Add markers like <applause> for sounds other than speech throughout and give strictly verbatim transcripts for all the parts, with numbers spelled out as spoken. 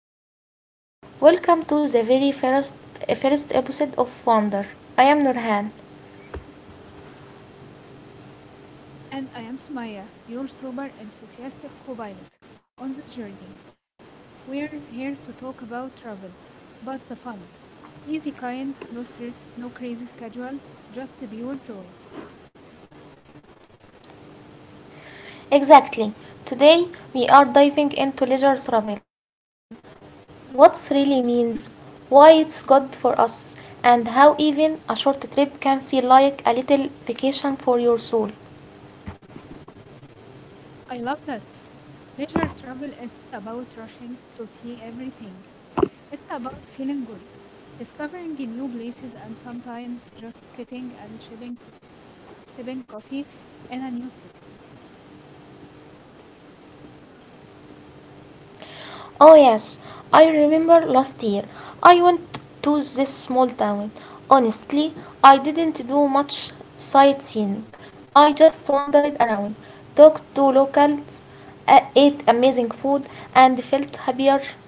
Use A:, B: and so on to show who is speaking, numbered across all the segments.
A: Hi everyone, welcome to the very first, first episode of Wonder. I am Nurhan.
B: And I am Sumaya, your super enthusiastic co pilot on this journey. We're here to talk about travel, but the fun. Easy, kind, no stress, no crazy schedule, just pure joy.
A: Exactly, today we are diving into leisure travel, what really means, why it's good for us, and how even a short trip can feel like a little vacation for your soul.
B: I love that. Leisure travel isn't about rushing to see everything, it's about feeling good, discovering new places, and sometimes just sitting and sipping, sipping coffee in a new city.
A: Oh, yes, I remember last year I went to this small town. Honestly, I didn't do much sightseeing. I just wandered around, talked to locals, a- ate amazing food, and felt happier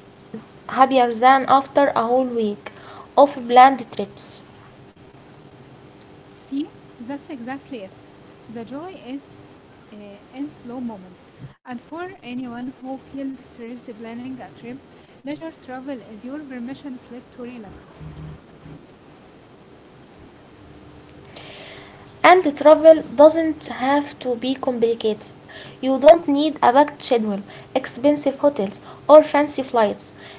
A: happier than after a whole week of planned trips.
B: See, that's exactly it. The joy is uh, in slow moments. And for anyone who feels stressed planning a trip, leisure travel is your permission slip to relax.
A: And travel doesn't have to be complicated. You don't need a packed schedule, expensive hotels, or fancy flights.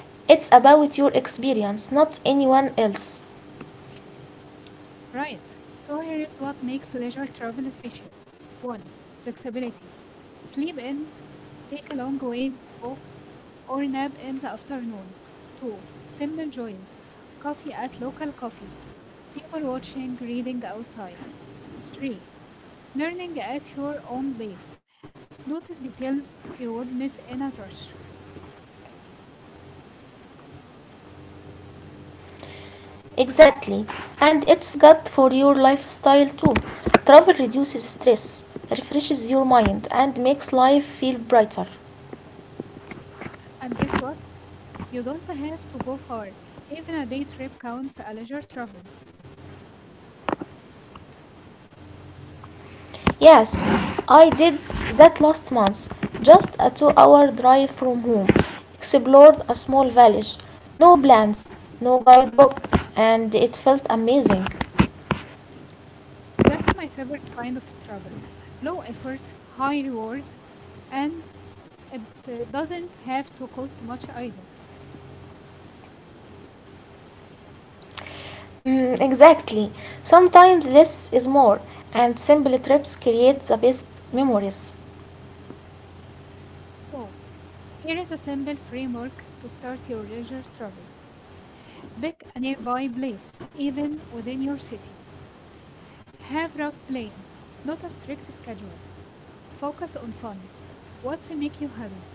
A: It's about your experience, not anyone else.
B: Right. So here is what makes leisure travel special. One, flexibility. Sleep in, take a long ways walks, or nap in the afternoon. Two, simple joys. Coffee at local coffee, people watching, reading outside. three. Learning at your own pace. Notice details you would miss in a rush.
A: Exactly. And it's good for your lifestyle too. Travel reduces stress, refreshes your mind, and makes life feel brighter.
B: And guess what? You don't have to go far. Even a day trip counts as leisure travel.
A: Yes, I did that last month. Just a two hour drive from home. Explored a small village. No plans, no guidebook, and it felt amazing.
B: That's my favorite kind of travel. Low effort, high reward, and it uh, doesn't have to cost much either.
A: Mm, exactly. Sometimes less is more, and simple trips create the best memories.
B: So, here is a simple framework to start your leisure travel. Pick a nearby place, even within your city. Have rough plan, not a strict schedule. Focus on fun, what's make you happy,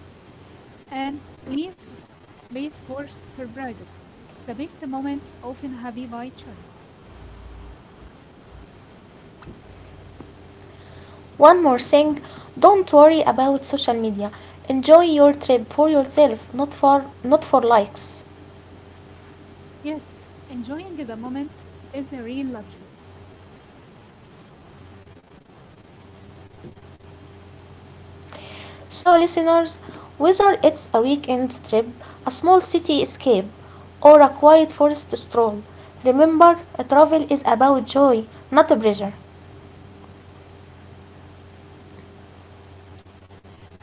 B: and leave space for surprises. The best moments often happen by chance.
A: One more thing, don't worry about social media. Enjoy your trip for yourself, not for, not for likes.
B: Yes, enjoying the moment is a real luxury.
A: So, listeners, whether it's a weekend trip, a small city escape, or a quiet forest stroll, remember, travel is about joy, not pressure.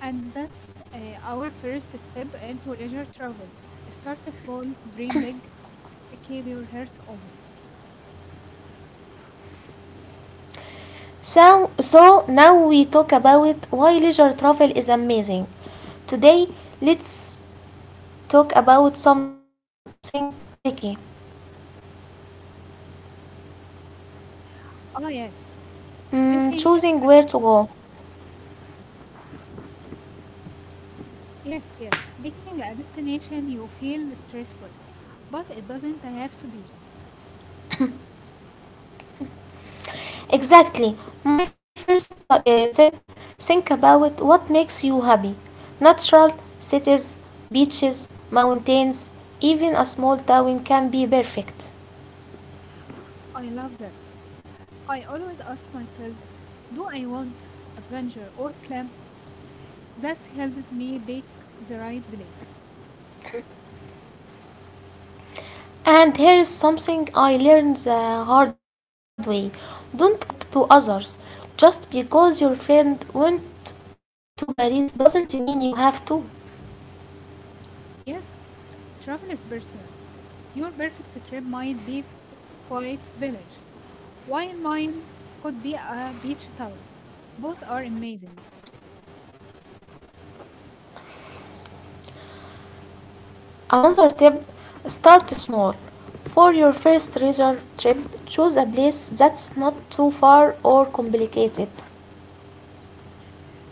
B: And that's uh, our first step into leisure travel. Start small, dream big, and keep your heart open.
A: So, so now we talk about why leisure travel is amazing. Today, let's talk about something tricky.
B: Oh, yes.
A: Mm,
B: Making,
A: choosing where to go.
B: yes, yes, making a destination you feel stressful, but it doesn't have to be.
A: Exactly. My first t- uh, tip, think about what makes you happy. Natural, cities, beaches, mountains, even a small town can be perfect.
B: I love that. I always ask myself, do I want a plunger or clamp that helps me pick the right place?
A: And here is something I learned the hard way: don't compare to others. Just because your friend went to Paris doesn't mean you have to.
B: Yes, travel is personal. Your perfect trip might be qu- quite village, while mine could be a beach town. Both are amazing,
A: Another tip, start small. For your first leisure trip, choose a place that's not too far or complicated.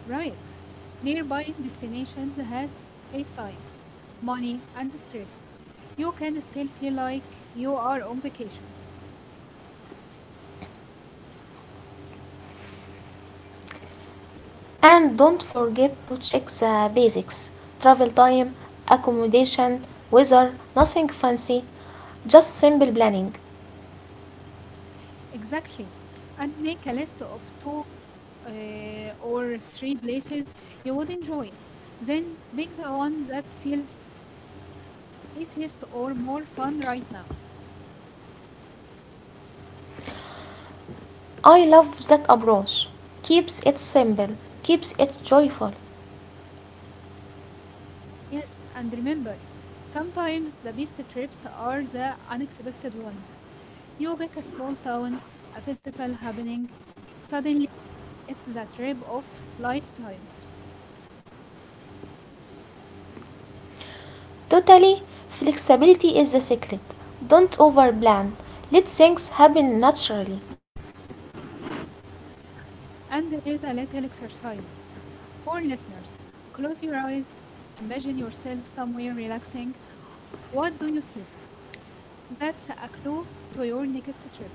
B: right? Nearby destinations have saved time, money, and stress. You can still feel like you are on vacation.
A: And don't forget to check the basics: travel time, accommodation, weather, nothing fancy, just simple planning.
B: Exactly. And make a list of two uh, or three places you would enjoy. Then pick the one that feels easiest or more fun right now.
A: I love that approach. Keeps it simple, keeps it joyful.
B: Yes, and remember, sometimes the best trips are the unexpected ones. You pick a small town, a festival happening, suddenly it's the trip of lifetime.
A: Totally, flexibility is the secret. Don't overplan. Let things happen naturally.
B: And there is a little exercise for listeners. Close your eyes, imagine yourself somewhere relaxing. What do you see? That's a clue to your next trip.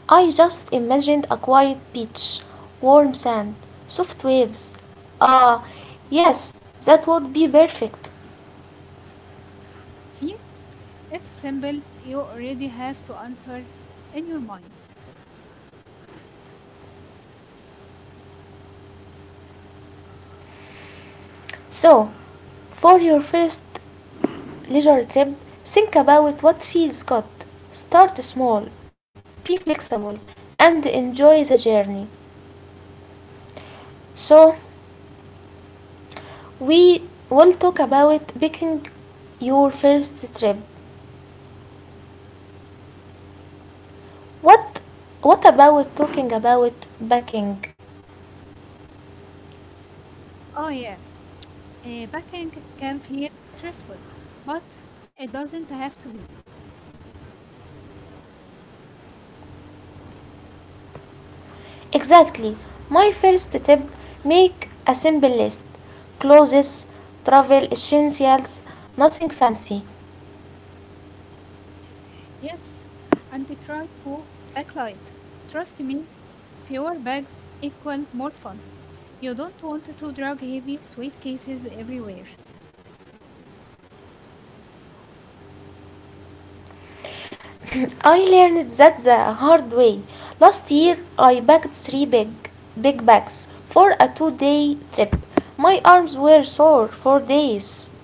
A: I just imagined a quiet beach, warm sand, soft waves. Ah, yes, that would be perfect.
B: See, it's simple. You already have to answer in your mind.
A: So, for your first leisure trip, think about what feels good. Start small, be flexible, and enjoy the journey. So, we will talk about picking your first trip. What what about talking about packing?
B: Oh, yeah, uh, packing can feel stressful, but it doesn't have to be.
A: Exactly. My first tip, make a simple list. Clothes, travel essentials, nothing fancy.
B: Yes, and try to backlight. Trust me, fewer bags equal more fun. You don't want to drug heavy suitcases everywhere.
A: <coughs> I learned that the hard way. Last year, I packed three big, big bags for a two day trip. My arms were sore for days.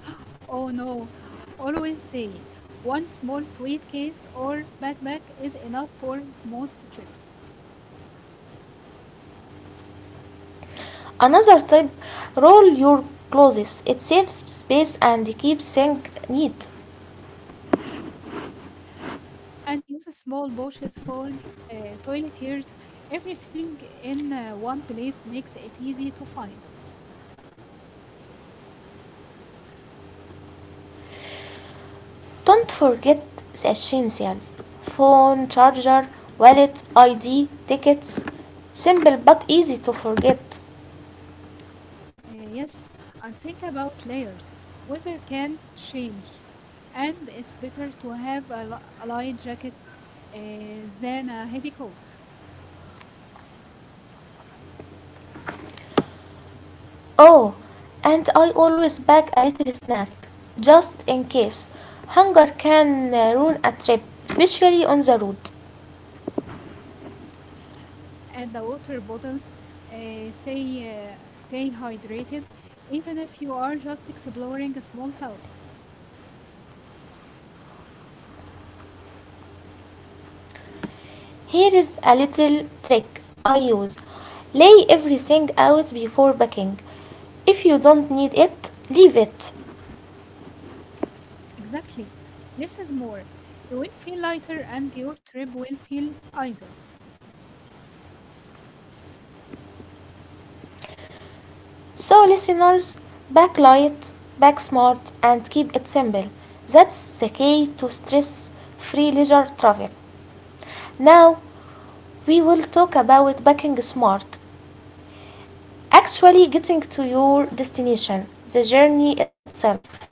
B: <gasps> Oh no, always say one small suitcase or backpack is enough for most trips.
A: Another tip, roll your clothes, it saves space and keeps things neat.
B: And use small brushes for uh, toiletries. Everything in uh, one place makes it easy to find.
A: Don't forget the essentials: phone, charger, wallet, I D, tickets. Simple but easy to forget.
B: Uh, yes, and think about layers. Weather can change, and it's better to have a, li- a light jacket uh, than a heavy coat.
A: Oh, and I always pack a little snack just in case. Hunger can uh, ruin a trip, especially on the road.
B: And a water bottle, uh, say, uh, stay hydrated, even if you are just exploring a small town.
A: Here is a little trick I use: lay everything out before packing. If you don't need it, leave it.
B: Exactly. Less is more. You will feel lighter, and your trip will feel easier.
A: So, listeners, pack light, pack smart, and keep it simple. That's the key to stress free leisure travel. Now, we will talk about packing smart, actually getting to your destination, the journey itself.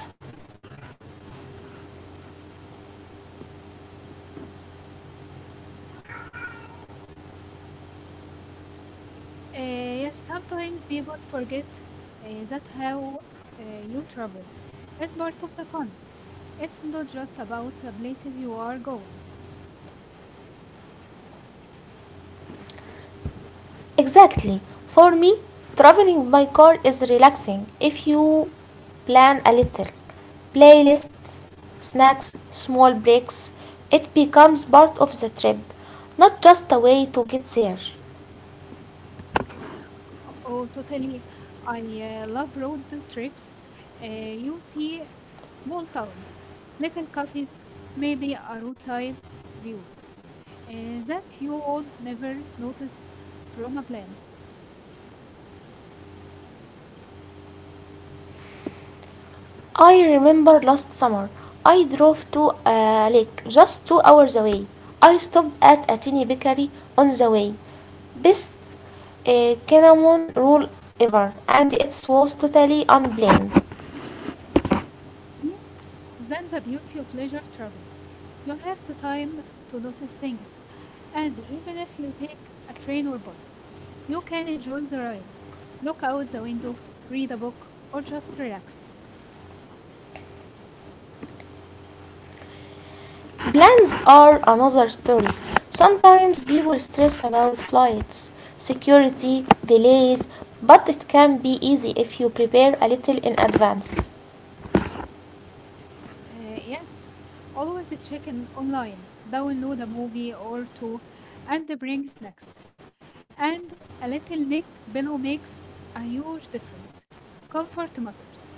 B: Uh, yes, sometimes people forget uh, that how uh, you travel is part of the fun. It's not just about the places you are going.
A: Exactly. For me, traveling by car is relaxing if you plan a little. Playlists, snacks, small breaks, it becomes part of the trip, not just a way to get there.
B: Oh, oh, totally. I uh, love road trips. Uh, you see small towns, little cafes, maybe a roadside view uh, that you would never notice from a plane.
A: I remember last summer I drove to a lake just two hours away. I stopped at a tiny bakery on the way. Best uh, cinnamon roll ever, and it was totally unplanned.
B: See, that's the beauty of leisure travel. You have the time to notice things, and even if you take a train or bus, you can enjoy the ride, look out the window, read a book, or just relax.
A: Plans are another story. Sometimes people stress about flights, security, delays, but it can be easy if you prepare a little in advance.
B: Uh, yes, always check in online, download a movie or two, and bring snacks. And a little Nick pillow makes a huge difference. Comfort matters.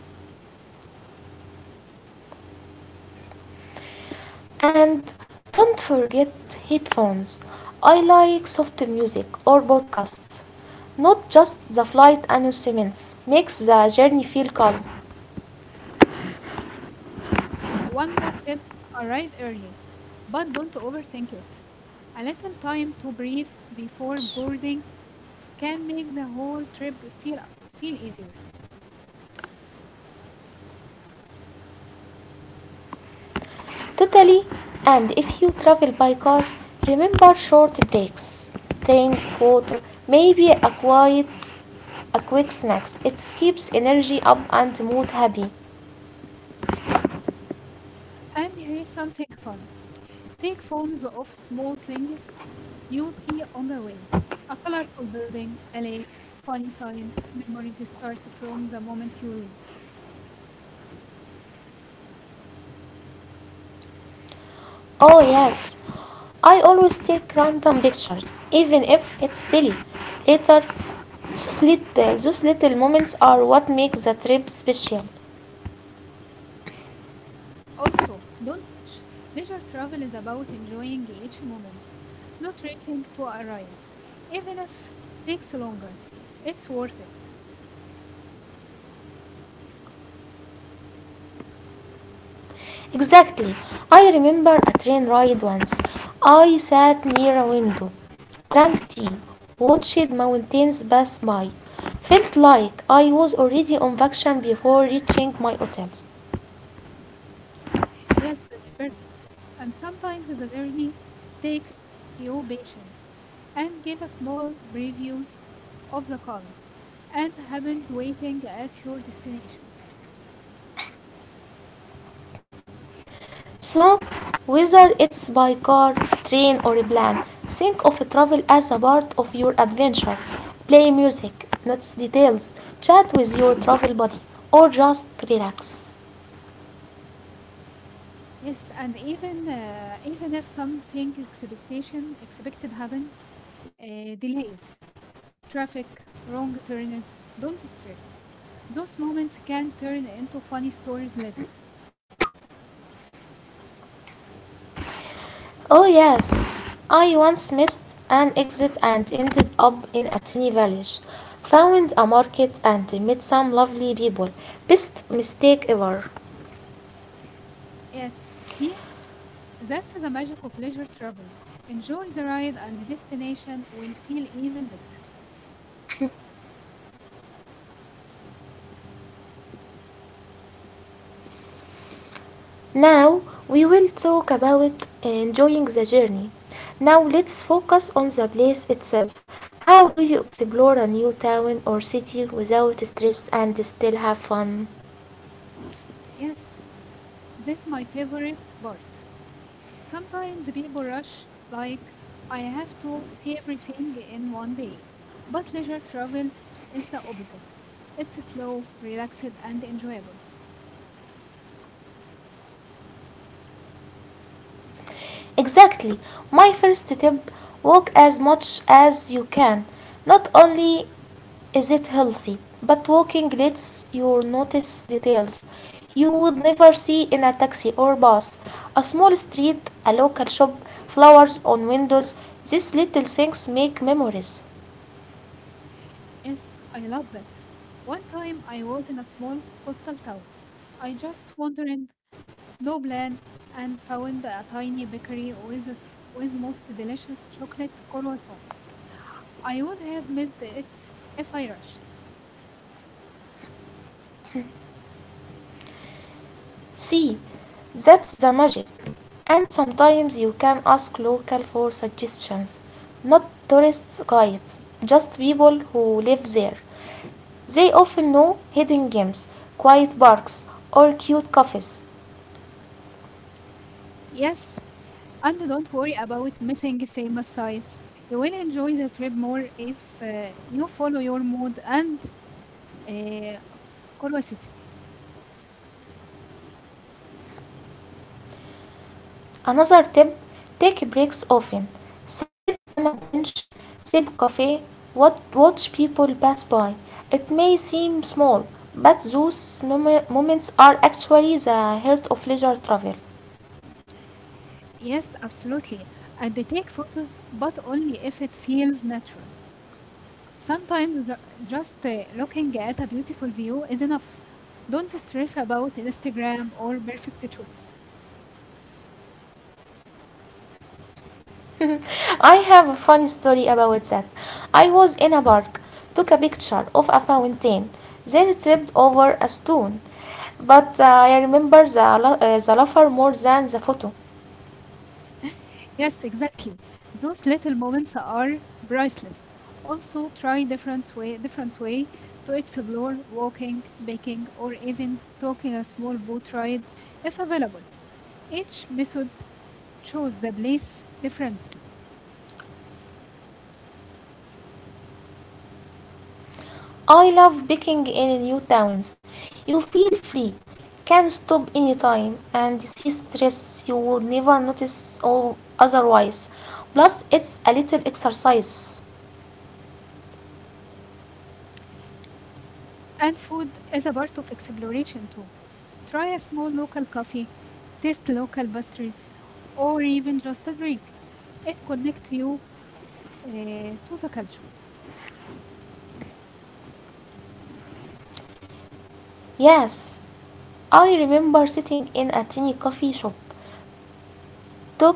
A: And don't forget headphones. I like soft music or podcasts. Not just the flight announcements. Makes the journey feel calm.
B: Uh, one more tip, arrive early, but don't overthink it. A little time to breathe before boarding can make the whole trip feel, feel easier.
A: Totally. And if you travel by car, remember short breaks. Drink water, maybe a quiet a quick snacks. It keeps energy up and mood happy.
B: And here's something fun, take photos of small things you see on the way, a colorful building, a lake, funny signs. Memories start from the moment you leave.
A: Oh, yes. I always take random pictures, even if it's silly. Later, those, little, those little moments are what make the trip special.
B: Also, don't rush. Leisure travel is about enjoying each moment, not racing to arrive. Even if it takes longer, it's worth it.
A: Exactly. I remember a train ride once. I sat near a window, drank tea, watched mountains pass by. Felt like I was already on vacation before reaching my hotels.
B: Yes, that's fair. And sometimes the journey takes your patience and give a small previews of the calm and happens waiting at your destination.
A: So, whether it's by car, train, or a plane, think of travel as a part of your adventure. Play music, notes details, chat with your travel buddy, or just relax.
B: Yes, and even uh, even if something expectation expected happens, uh, delays traffic, wrong turns. Don't stress. Those moments can turn into funny stories later.
A: Oh, yes, I once missed an exit and ended up in a tiny village. Found a market and met some lovely people. Best mistake ever.
B: Yes, see, that's the magic of leisure travel. Enjoy the ride and the destination will feel even better.
A: Now we will talk about enjoying the journey. Now let's focus on the place itself. How do you explore a new town or city without stress and still have fun?
B: Yes, this is my favorite part. Sometimes people rush, like, I have to see everything in one day. But leisure travel is the opposite. It's slow, relaxed, and enjoyable.
A: Exactly. My first tip, walk as much as you can. Not only is it healthy, but walking lets you notice details you would never see in a taxi or bus. A small street, a local shop, flowers on windows, these little things make memories.
B: Yes, I love that. One time I was in a small coastal town. I just wandered, no plan, and found a tiny bakery with a s with most delicious chocolate croissant. I would have missed it if I rushed.
A: See, that's the magic. And sometimes you can ask local for suggestions, not tourist guides, just people who live there. They often know hidden gems, quiet parks, or cute cafes.
B: Yes, and don't worry about missing famous sites. You will enjoy the trip more if uh, you follow your mood and uh, curiosity.
A: Another tip, take breaks often. Sit on a bench, sip coffee, wat- watch people pass by. It may seem small, but those mom- moments are actually the heart of leisure travel.
B: Yes, absolutely. And they take photos, but only if it feels natural. Sometimes the- just uh, looking at a beautiful view is enough. Don't stress about Instagram or perfect shoots.
A: <laughs> I have a funny story about that. I was in a park, took a picture of a fountain, then tripped over a stone. But uh, I remember the, la- uh, the laughter more than the photo.
B: Yes, exactly. Those little moments are priceless. Also, try different way, different way to explore walking, baking, or even taking a small boat ride if available. Each method shows the place differently,
A: I love baking in new towns. You feel free, can stop anytime, and see stress you would never notice or otherwise. Plus, it's a little exercise.
B: and food is a part of exploration too. Try a small local coffee, taste local pastries, or even just a drink. It connects you uh, to the culture.
A: Yes, I remember sitting in a tiny coffee shop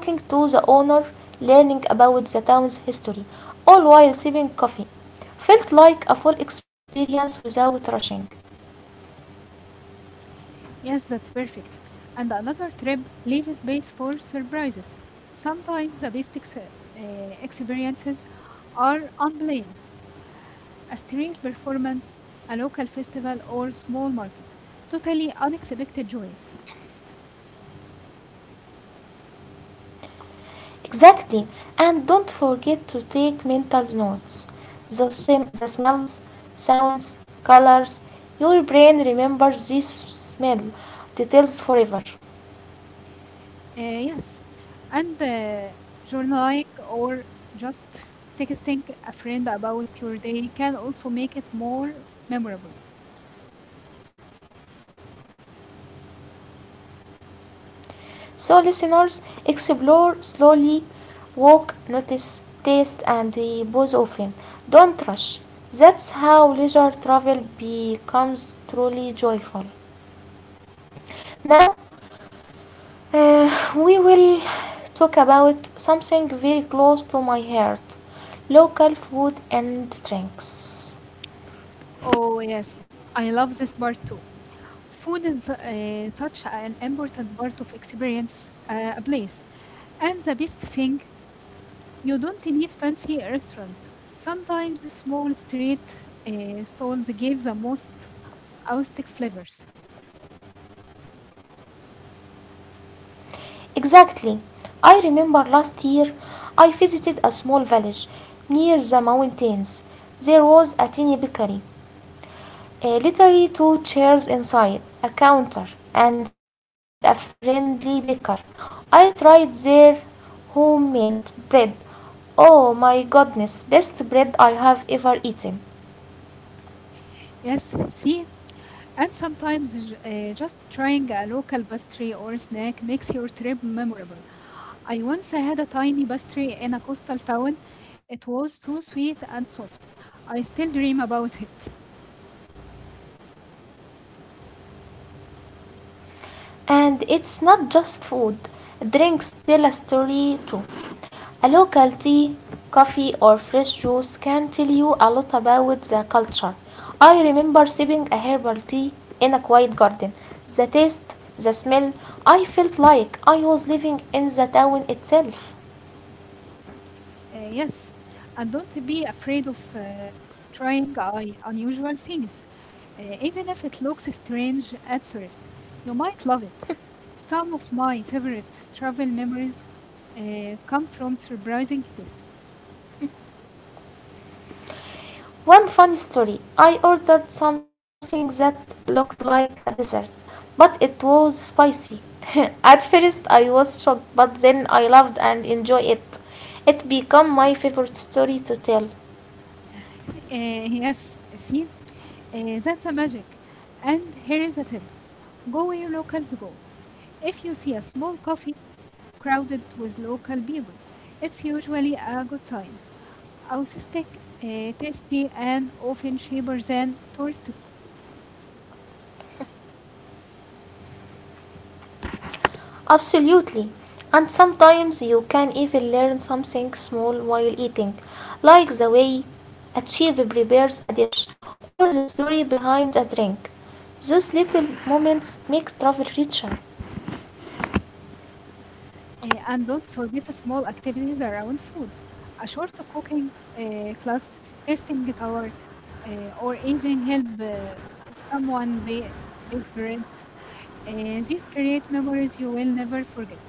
A: talking to the owner, learning about the town's history, all while sipping coffee. Felt like a full experience without rushing.
B: Yes, that's perfect. And another trip, leave space for surprises. Sometimes the best ex- uh, experiences are unplanned. A street performance, a local festival, or small market. Totally unexpected joys.
A: Exactly, and don't forget to take mental notes. The, sm- the smells, sounds, colors. Your brain remembers this smell details forever.
B: Uh, yes, and uh, journaling or just texting a friend about your day can also make it more memorable.
A: So, listeners, explore slowly, walk, notice, taste, and pause often. Don't rush. That's how leisure travel becomes truly joyful. Now, uh, we will talk about something very close to my heart, local food and drinks.
B: Oh, yes, I love this part too. Food is uh, such an important part of experience uh, a place. And the best thing, you don't need fancy restaurants. Sometimes small street uh, stalls give the most authentic flavors.
A: Exactly. I remember last year I visited a small village near the mountains. There was a tiny bakery. Uh, literally two chairs inside, a counter, and a friendly baker. I tried their homemade bread. Oh my goodness, best bread I have ever eaten.
B: Yes, see, and sometimes j- uh, just trying a local pastry or snack makes your trip memorable. I once had a tiny pastry in a coastal town. It was too sweet and soft. I still dream about it.
A: And it's not just food, drinks tell a story too. A local tea, coffee, or fresh juice can tell you a lot about the culture. I remember sipping a herbal tea in a quiet garden. The taste, the smell, I felt like I was living in the town itself.
B: Uh, yes, and don't be afraid of uh, trying uh, unusual things, uh, even if it looks strange at first. You might love it. Some of my favorite travel memories uh, come from surprising tastes.
A: One funny story. I ordered something that looked like a dessert, but it was spicy. <laughs> At first I was shocked, but then I loved and enjoyed it. It became my favorite story to tell.
B: <laughs> Uh, yes, see, Uh, that's a magic. And here is a tip, go where locals go. If you see a small coffee crowded with local people, it's usually a good sign. Authentic, uh, tasty, and often cheaper than tourist spots.
A: Absolutely. And sometimes you can even learn something small while eating, like the way a chef prepares a dish or the story behind a drink. Those little moments make travel richer.
B: Uh, and don't forget small activities around food. A short cooking uh, class, tasting tower, uh, or even help uh, someone bake, bake bread. Uh, these create memories you will never forget.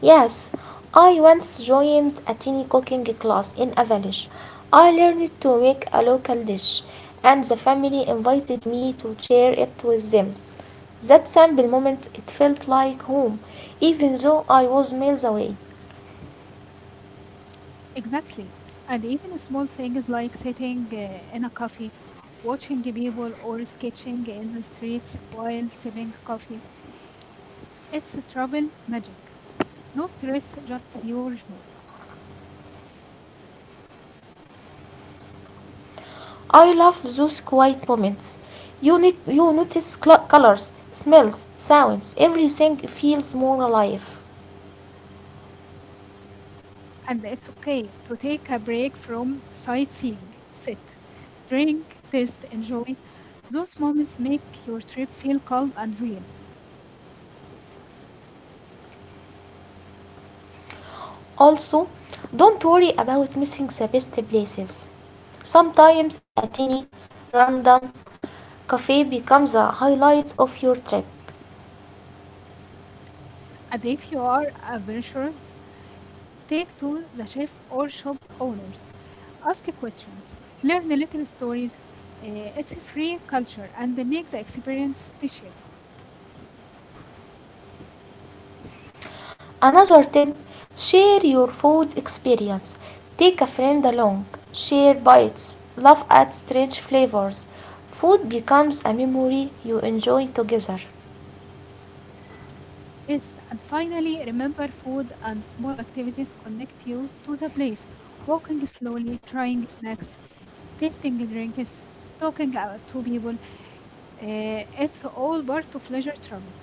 A: Yes, I once joined a tiny cooking class in a village. I learned to make a local dish, and the family invited me to share it with them. That simple moment, it felt like home, even though I was miles away.
B: Exactly. And even small things like sitting uh, in a coffee, watching people, or sketching in the streets while sipping coffee. It's a travel magic. No stress, just pure joy.
A: I love those quiet moments. You, need, you notice colors, smells, sounds, everything feels more alive.
B: And it's okay to take a break from sightseeing. Sit, drink, taste, enjoy. Those moments make your trip feel calm and real.
A: Also, don't worry about missing the best places. Sometimes a tiny, random cafe becomes a highlight of your trip.
B: And if you are adventurous, take to the chef or shop owners. Ask questions. Learn little stories. Uh, it's a free culture and they make the experience special.
A: Another tip, share your food experience. Take a friend along, share bites, laugh at strange flavors. Food becomes a memory you enjoy together.
B: Yes, and finally, remember food and small activities connect you to the place. Walking slowly, trying snacks, tasting drinks, talking out to people. Uh, it's all part of leisure travel.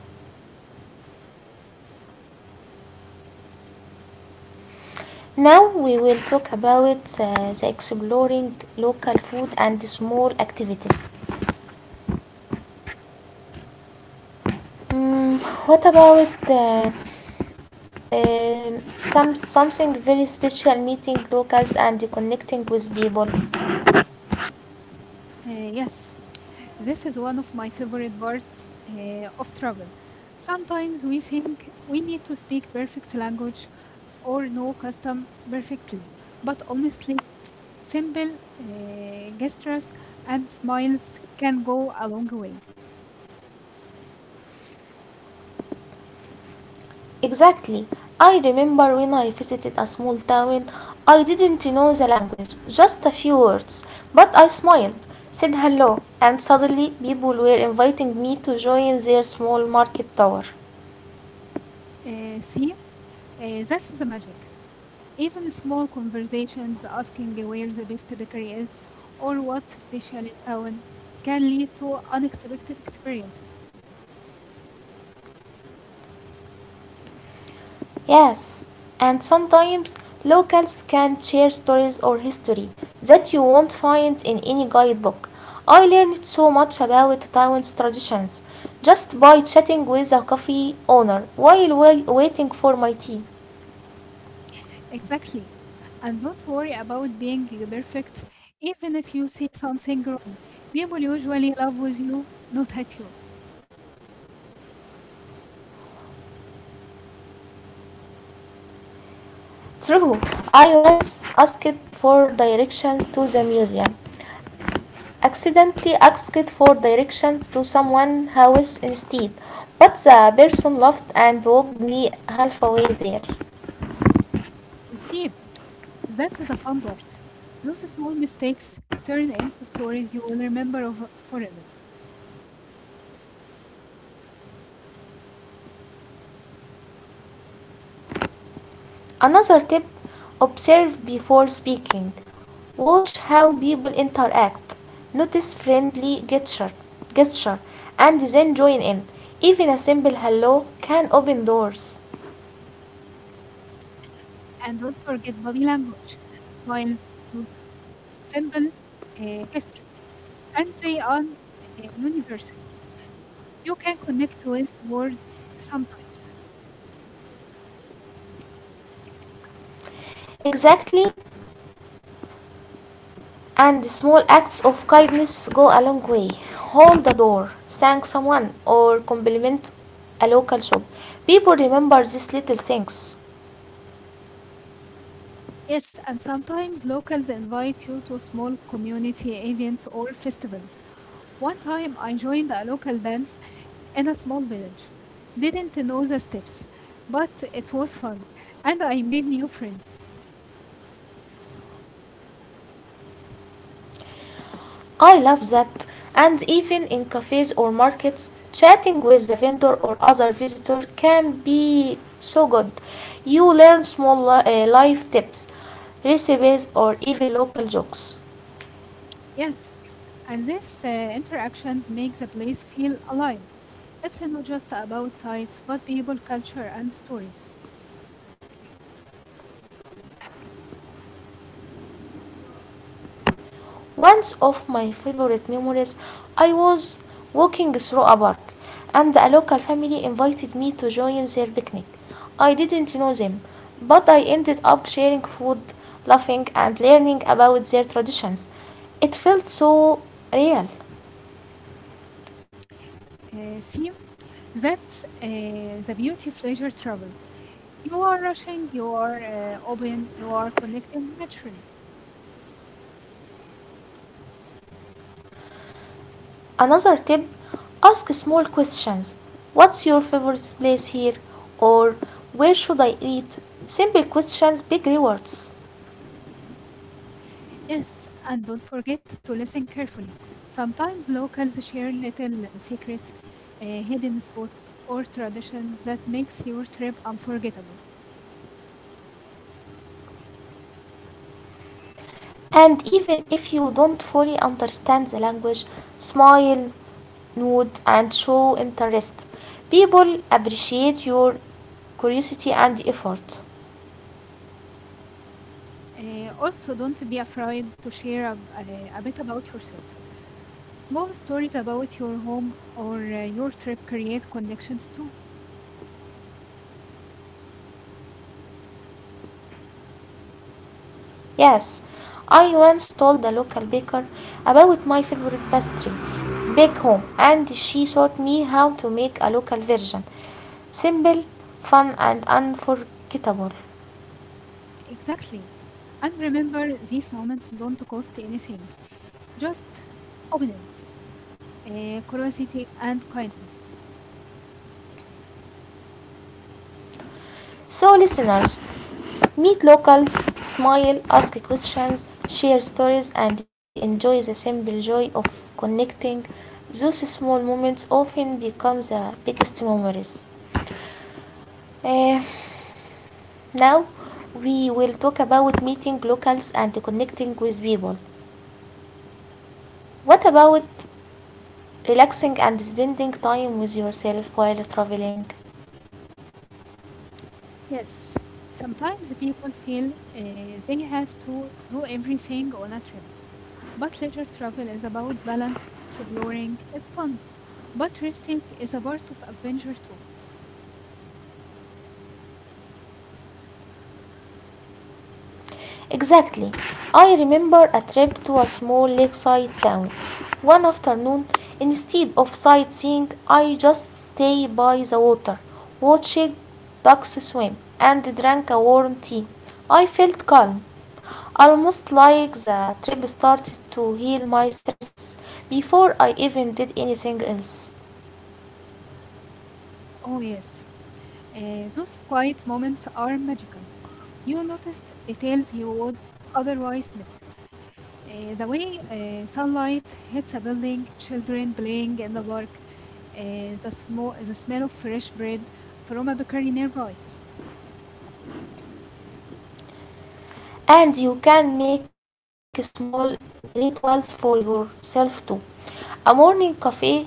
A: Now we will talk about uh, the exploring local food and small activities. Mm, what about uh, um, some something very special, meeting locals and connecting with people.
B: Uh, yes, this is one of my favorite parts uh, of travel. Sometimes we think we need to speak perfect language or know custom perfectly, but honestly, simple uh, gestures and smiles can go a long way.
A: Exactly, I remember when I visited a small town. I didn't know the language, just a few words, but I smiled, said hello, and suddenly people were inviting me to join their small market tower.
B: Uh, see, uh, this is the magic. Even small conversations asking where the best bakery is or what's special in town can lead to unexpected experiences.
A: Yes, and sometimes locals can share stories or history that you won't find in any guidebook. I learned so much about Taiwan's traditions just by chatting with a coffee owner while wa- waiting for my tea.
B: Exactly. And don't worry about being perfect. Even if you say something wrong, people usually laugh with you, not at you.
A: True, I once asked for directions to the museum, accidentally asked for directions to someone's house instead, but the person laughed and walked me halfway there.
B: See, that's the fun part. Those small mistakes turn into stories you will remember of forever.
A: Another tip, observe before speaking. Watch how people interact. Notice friendly gesture, gesture, and then join in. Even a simple hello can open doors.
B: And don't forget body language, smiles, nods, simple uh, gestures, and they are uh, universal. You can connect with words sometimes.
A: Exactly, and small acts of kindness go a long way. Hold the door, thank someone, or compliment a local shop. People remember these little things.
B: Yes, and sometimes locals invite you to small community events or festivals. One time I joined a local dance in a small village. Didn't know the steps, but it was fun and I made new friends.
A: I love that. And even in cafes or markets, chatting with the vendor or other visitor can be so good. You learn small li- uh, life tips, recipes, or even local jokes.
B: Yes, and these uh, interactions make the place feel alive. It's not just about sites, but people, culture, and stories.
A: Once of my favorite memories, I was walking through a park and a local family invited me to join their picnic. I didn't know them, but I ended up sharing food, laughing, and learning about their traditions. It felt so real.
B: Uh, see, that's uh, the beauty of leisure travel. You are rushing, you are uh, open, you are connecting naturally.
A: Another tip, ask small questions. What's your favorite place here? Or where should I eat? Simple questions, big rewards.
B: Yes, and don't forget to listen carefully. Sometimes locals share little secrets, uh, hidden spots, or traditions that makes your trip unforgettable.
A: And even if you don't fully understand the language, smile, nod, and show interest. People appreciate your curiosity and effort.
B: Uh, also, don't be afraid to share a, a, a bit about yourself. Small stories about your home or uh, your trip create connections too.
A: Yes, I once told the local baker about my favorite pastry back home, and she taught me how to make a local version. Simple, fun, and unforgettable.
B: Exactly. And remember, these moments don't cost anything, just openness, uh, curiosity, and kindness.
A: So, listeners, meet locals, smile, ask questions, share stories, and enjoy the simple joy of connecting. Those small moments often become the biggest memories. Eh, Now, we will talk about meeting locals and connecting with people. What about relaxing and spending time with yourself while traveling?
B: Yes, sometimes people feel uh, they have to do everything on a trip, but leisure travel is about balance, exploring, and fun. But resting is a part of adventure too.
A: Exactly. I remember a trip to a small lakeside town. One afternoon, instead of sightseeing, I just stayed by the water, watched ducks swim, and drank a warm tea. I felt calm, almost like the trip started to heal my stress before I even did anything else.
B: Oh yes, uh, those quiet moments are magical. You notice details you would otherwise miss. Uh, the way uh, sunlight hits a building, children playing in the park, uh, the, sm- the smell of fresh bread from a bakery nearby.
A: And you can make small rituals for yourself too. A morning cafe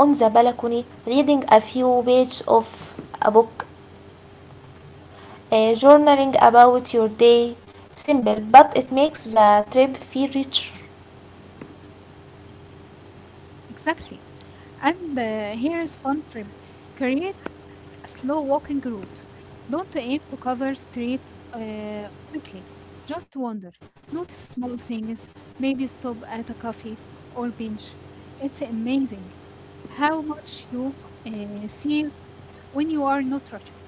A: on the balcony, reading a few pages of a book, uh, journaling about your day. Simple, but it makes the trip feel richer.
B: Exactly. And uh, here is fun tip. Create a slow walking route. Don't aim to cover street uh, quickly. Just wander. Notice small things. Maybe stop at a coffee or bench. It's amazing how much you uh, see when you are not rushing.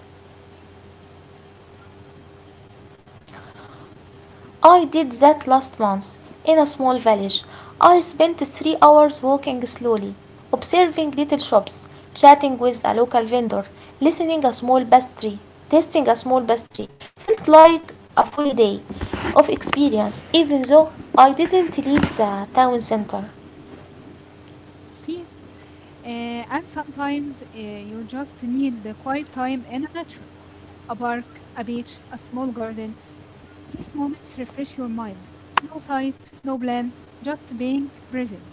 A: I did that last month in a small village. I spent three hours walking slowly, observing little shops, chatting with a local vendor, listening a small pastry, tasting a small pastry. Felt like a full day of experience, even though I didn't leave the town center.
B: See, uh, and sometimes uh, you just need the quiet time in nature. A park, a beach, a small garden. These moments refresh your mind. No sights, no plan, just being present.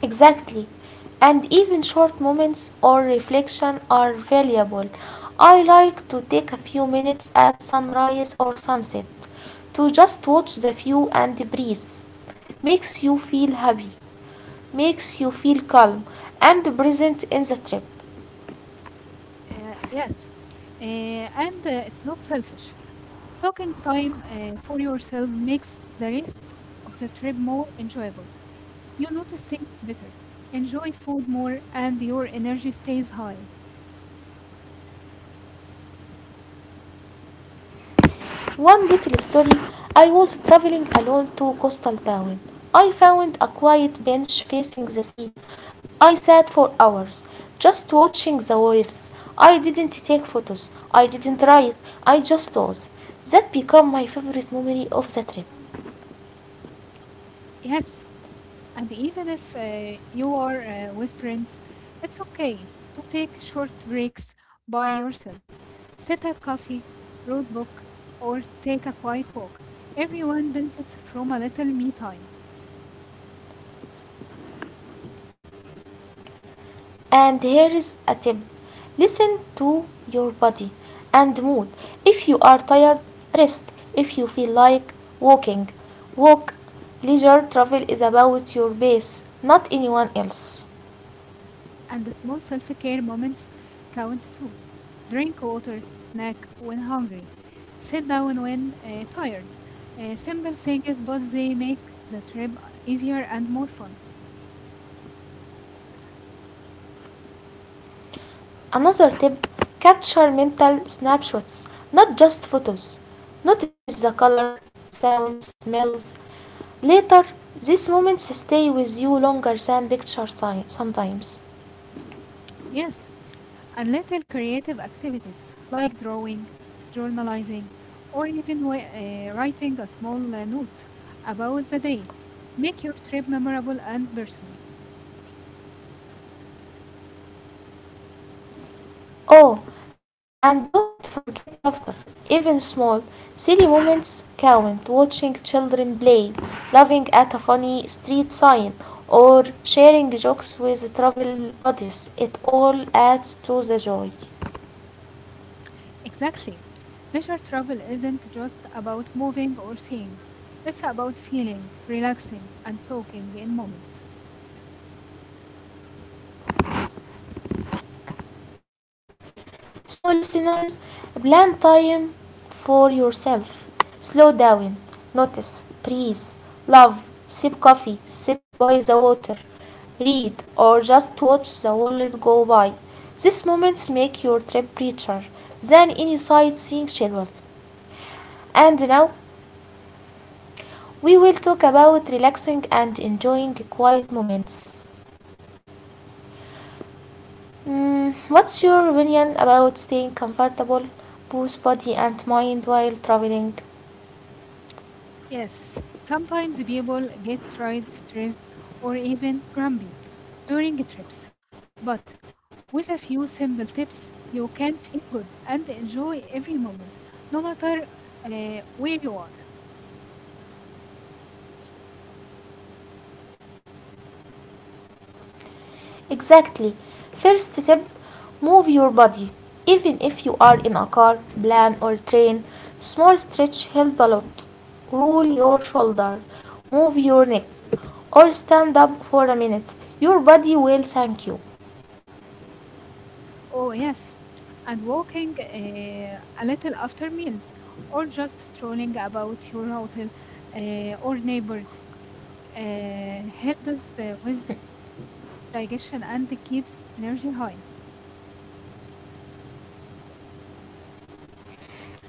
A: Exactly. And even short moments or reflection are valuable. I like to take a few minutes at sunrise or sunset to just watch the view and breathe. Makes you feel happy, makes you feel calm and present in the trip.
B: Uh, yes, uh, and uh, it's not selfish. Talking time uh, for yourself makes the rest of the trip more enjoyable. You notice things better, enjoy food more, and your energy stays high.
A: One little story, I was traveling alone to coastal town. I found a quiet bench facing the sea. I sat for hours just watching the waves. I didn't take photos. I didn't write. I just was. That became my favorite memory of the trip.
B: Yes, and even if uh, you are uh, with friends, it's okay to take short breaks by yourself. Sit at coffee, read book, or take a quiet walk. Everyone benefits from a little me time,
A: And here is a tip, listen to your body and mood. If you are tired, rest. If you feel like walking, walk. Leisure travel is about your pace, not anyone else.
B: and the small self-care moments count too. Drink water, snack when hungry, sit down when uh, tired. Uh, simple things, but they make the trip easier and more fun.
A: Another tip, capture mental snapshots, not just photos. Notice the color, sounds, smells. Later, these moments stay with you longer than pictures si- sometimes.
B: Yes, and little creative activities like drawing, journalizing, or even wi- uh, writing a small uh, note about the day make your trip memorable and personal.
A: Oh, and don't forget laughter, even small, silly moments count. Watching children play, laughing at a funny street sign, or sharing jokes with travel buddies, it all adds to the joy.
B: Exactly. Leisure travel isn't just about moving or seeing. It's about feeling, relaxing, and soaking in moments.
A: So, listeners, plan time for yourself. Slow down, notice, breathe, love, sip coffee, sit by the water, read, or just watch the world go by. These moments make your trip richer than any sightseeing schedule. And now we will talk about relaxing and enjoying quiet moments. Mm, what's your opinion about staying comfortable, both body and mind while traveling?
B: Yes, sometimes people get tired, stressed, or even grumpy during trips. But with a few simple tips, you can feel good and enjoy every moment, no matter uh, where you are.
A: Exactly. First step, move your body. Even if you are in a car, plane, or train, small stretch help a lot. Roll your shoulder, move your neck, or stand up for a minute. Your body will thank you.
B: Oh, yes. And walking uh, a little after meals, or just strolling about your hotel uh, or neighborhood, uh, helps uh, with digestion and keeps energy high.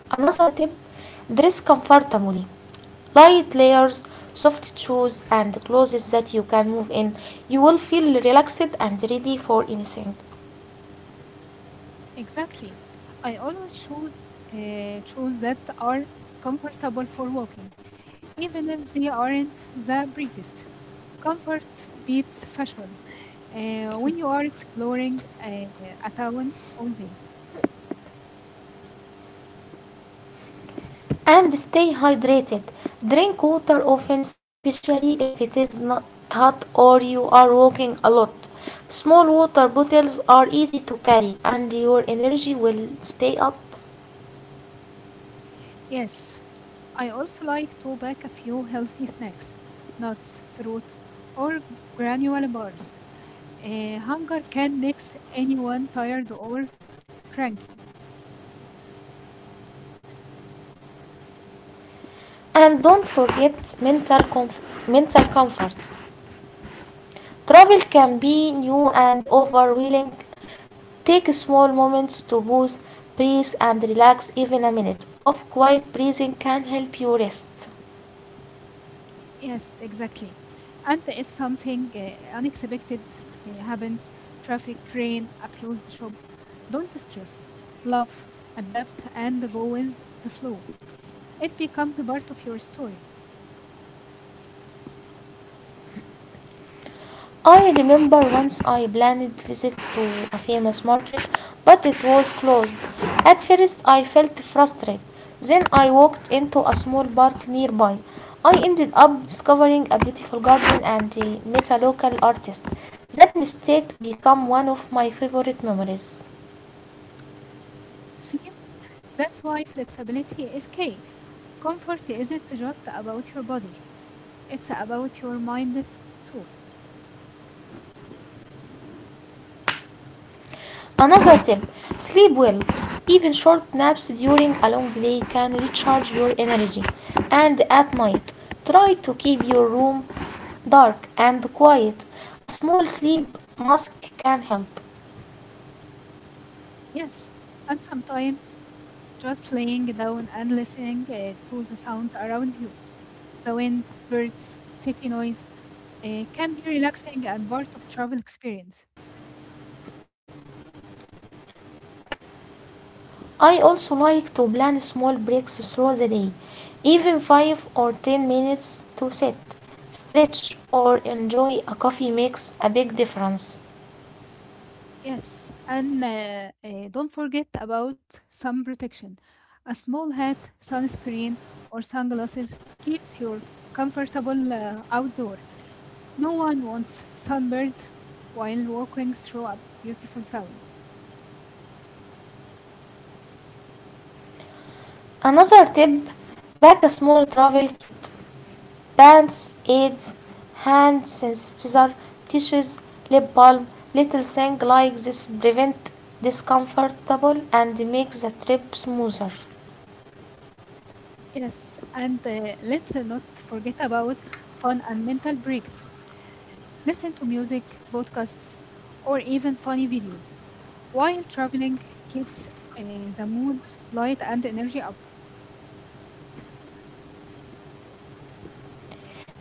A: Another tip, dress comfortably. Light layers, soft shoes, and clothes that you can move in. You will feel relaxed and ready for anything.
B: Exactly. I always choose uh, shoes that are comfortable for walking, even if they aren't the prettiest. Comfort beats fashion. Uh, when you are exploring uh, a town all day.
A: And stay hydrated. Drink water often, especially if it is not hot or you are walking a lot. Small water bottles are easy to carry and your energy will stay up.
B: Yes, I also like to pack a few healthy snacks, nuts, fruit, or granular bars. Uh, hunger can make anyone tired or cranky.
A: And don't forget mental, comf- mental comfort. Travel can be new and overwhelming. Take small moments to pause, breathe, and relax. Even a minute of quiet breathing can help you rest.
B: Yes, exactly. And if something uh, unexpected uh, happens, traffic, rain, a closed shop, don't stress. Love, adapt, and go with the flow. It becomes a part of your story.
A: I remember once I planned visit to a famous market, but it was closed. At first I felt frustrated. Then I walked into a small park nearby. I ended up discovering a beautiful garden and uh, met a local artist. That mistake became one of my favorite memories.
B: See, that's why flexibility is key. Comfort isn't just about your body, it's about your mind is too.
A: Another tip, sleep well. Even short naps during a long day can recharge your energy. And at night, try to keep your room dark and quiet. A small sleep mask can help.
B: Yes. And sometimes just laying down and listening uh, to the sounds around you the wind, birds, city noise uh, can be relaxing and part of travel experience.
A: I also like to plan small breaks through the day, even five or ten minutes to sit, stretch, or enjoy a coffee makes a big difference.
B: Yes, and uh, uh, don't forget about sun protection. A small hat, sunscreen, or sunglasses keeps you comfortable uh, outdoor. No one wants sunburned while walking through a beautiful town.
A: Another tip, pack a small travel kit. Bands, aids, hand sanitizer, tissues, lip balm, little things like this prevent discomfortable and make the trip smoother.
B: Yes, and uh, let's uh, not forget about fun and mental breaks. Listen to music, podcasts, or even funny videos. While traveling keeps uh, the mood light and energy up.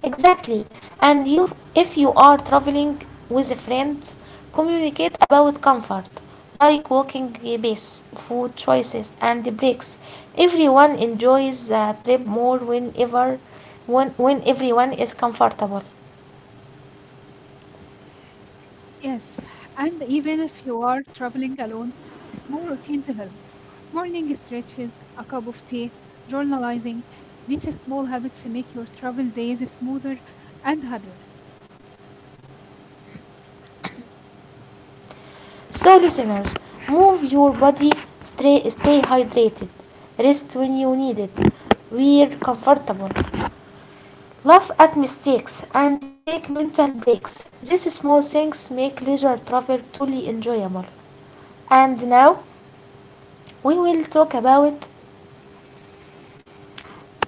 A: Exactly. And you, if you are traveling with friends, communicate about comfort, like walking pace, food choices, and breaks. Everyone enjoys the trip more whenever when, when everyone is comfortable.
B: Yes, and even if you are traveling alone, small routines help. Morning stretches, a cup of tea, journalizing. These small habits make your travel days smoother and happier.
A: So, listeners, move your body, stay, stay hydrated, rest when you need it, wear comfortable, laugh at mistakes, and take mental breaks. These small things make leisure travel truly enjoyable. And now we will talk about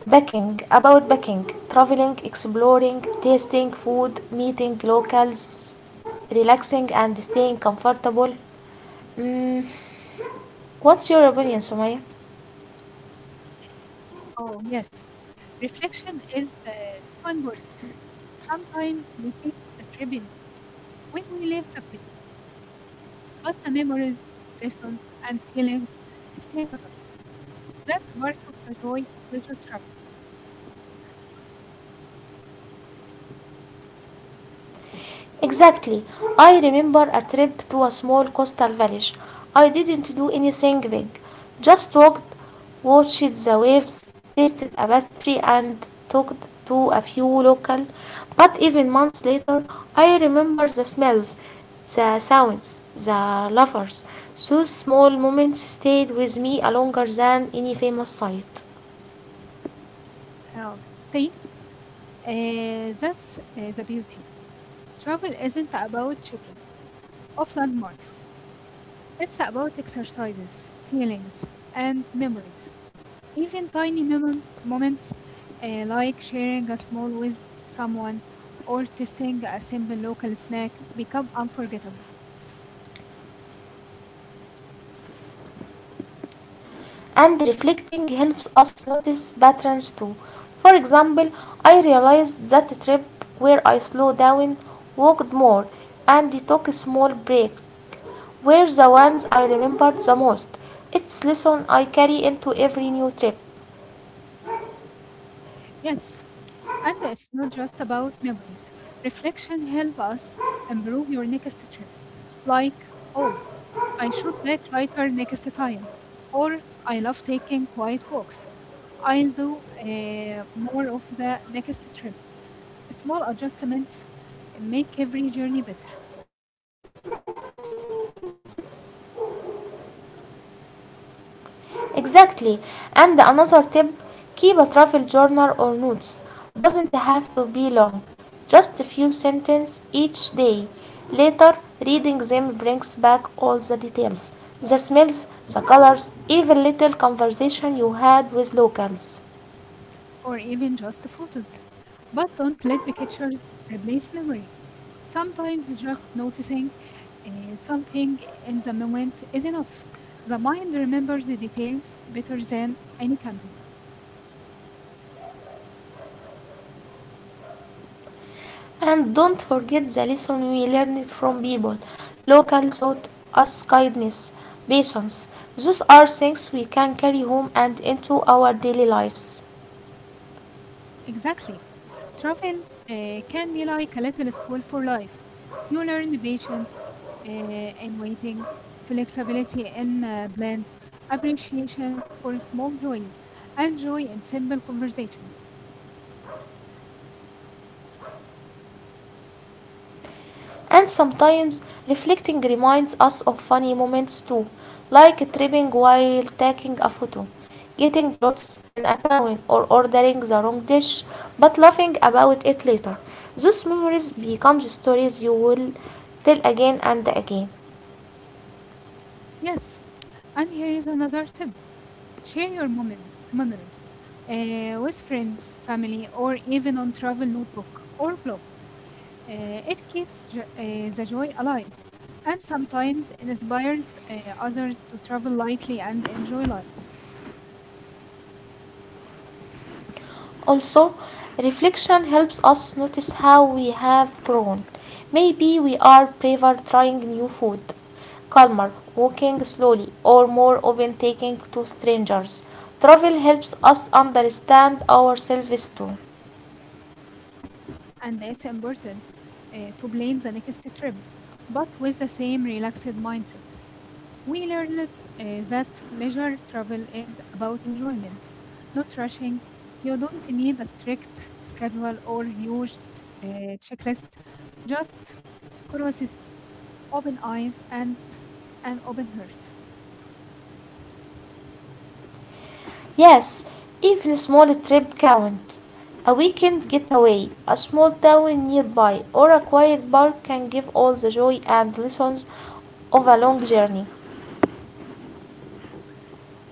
A: backing, about backing, traveling, exploring, tasting food, meeting locals, relaxing, and staying comfortable. Mm, what's your opinion, Sumaya?
B: Oh, yes, reflection is uh, so important. Sometimes we think the trip ends when we leave the place, but the memories, lessons, and feelings stay with us. That's part of the joy of leisure travel.
A: Exactly. I remember a trip to a small coastal village. I didn't do anything big, just walked, watched the waves, tasted a pastry, and talked to a few local. But even months later, I remember the smells, the sounds, the lovers. Those small moments stayed with me longer than any famous sight.
B: Uh, see, uh, that's uh, the beauty. Travel isn't about checking off landmarks. It's about exercises, feelings, and memories. Even tiny moment, moments uh, like sharing a small with someone or tasting a simple local snack become unforgettable.
A: And reflecting helps us notice patterns too. For example, I realized that trip where I slowed down, walked more, and took a small break were the ones I remembered the most. It's lesson I carry into every new trip.
B: Yes, and it's not just about memories. Reflection helps us improve your next trip. Like, oh, I should pack lighter next time, or I love taking quiet walks. I'll do uh, more of the next trip. Small adjustments make every journey better,
A: Exactly. And another tip, keep a travel journal or notes. Doesn't have to be long, just a few sentences each day. Later, reading them brings back all the details, the smells, the colors, even little conversation you had with locals.
B: or even just photos. But don't let pictures replace memory. Sometimes just noticing uh, something in the moment is enough. The mind remembers the details better than any camera.
A: And don't forget the lesson we learned from people. Locals taught us kindness, patience. Those are things we can carry home and into our daily lives.
B: Exactly. Travel uh, can be like a little school for life. You learn the patience uh, in waiting, flexibility in uh, plans, appreciation for small joys, and joy in simple conversations.
A: And sometimes reflecting reminds us of funny moments too, like tripping while taking a photo, getting lost in a town, or ordering the wrong dish, but laughing about it later. Those memories become stories you will tell again and again.
B: Yes, and here is another tip share your memories, memories uh, with friends, family, or even on travel notebook or blog. Uh, it keeps jo- uh, the joy alive and sometimes inspires uh, others to travel lightly and enjoy life.
A: Also, reflection helps us notice how we have grown. Maybe we are braver trying new food, calmer walking slowly, or more open taking to strangers. Travel helps us understand ourselves too.
B: And it's important uh, to plan the next trip, but with the same relaxed mindset. We learned uh, that leisure travel is about enjoyment, not rushing. You don't need a strict schedule or huge uh, checklist, just curiosity, open eyes, and an open heart.
A: Yes, even small trip count. A weekend getaway, a small town nearby, or a quiet park can give all the joy and lessons of a long journey.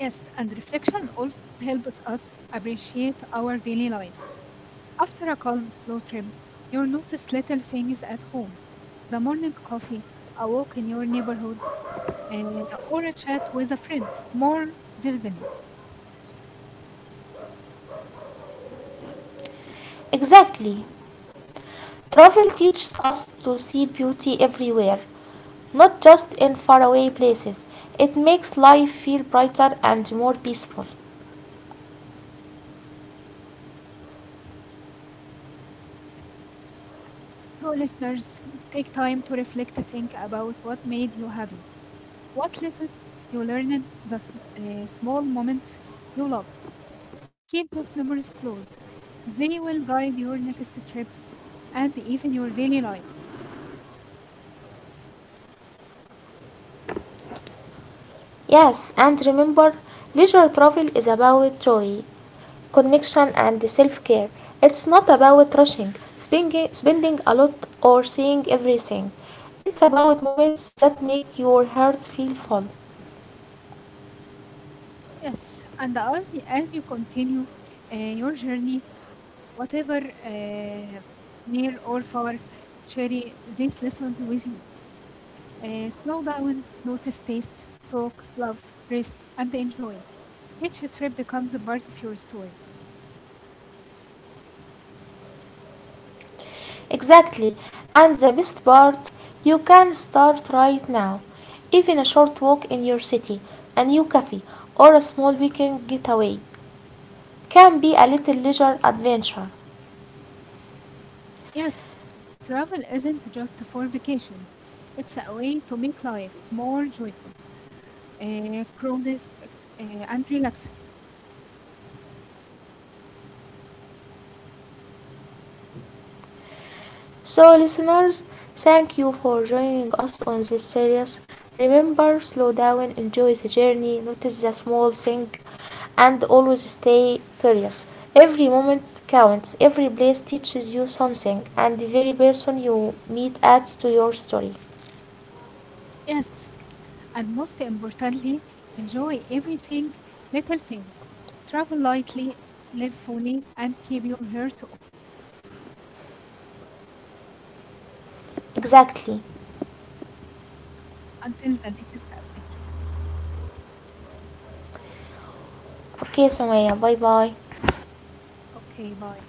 B: Yes, and reflection also helps us appreciate our daily life. After a calm, slow trip, you notice little things at home the morning coffee, a walk in your neighborhood, uh, or a chat with a friend more vividly.
A: Exactly. Travel teaches us to see beauty everywhere, not just in faraway places. It makes life feel brighter and more peaceful.
B: So, listeners, take time to reflect, think about what made you happy, what lessons you learned, the sm- uh, small moments you love. Keep those memories close. They will guide your next trips and even your daily life.
A: Yes, and remember, leisure travel is about joy, connection, and self care. It's not about rushing, spending, spending a lot, or seeing everything. It's about moments that make your heart feel full.
B: Yes, and as as you continue uh, your journey, whatever uh, near or far, carry these lessons with you. Uh, slow down, notice, taste, talk, love, rest, and enjoy. Each trip becomes a part of your story.
A: Exactly. And the best part, you can start right now. Even a short walk in your city, a new cafe, or a small weekend getaway can be a little leisure adventure.
B: Yes, travel isn't just for vacations. It's a way to make life more joyful, uh, cruises, uh, and relaxes.
A: So, listeners, thank you for joining us on this series. Remember, slow down, enjoy the journey, notice the small thing, and always stay curious. Every moment counts, every place teaches you something, and the very person you meet adds to your story.
B: Yes, and most importantly, enjoy everything, little thing. Travel lightly, live fully, and keep your heart.
A: Exactly.
B: Until the next adventure.
A: Okay, Sumaya, bye bye.
B: Okay, bye.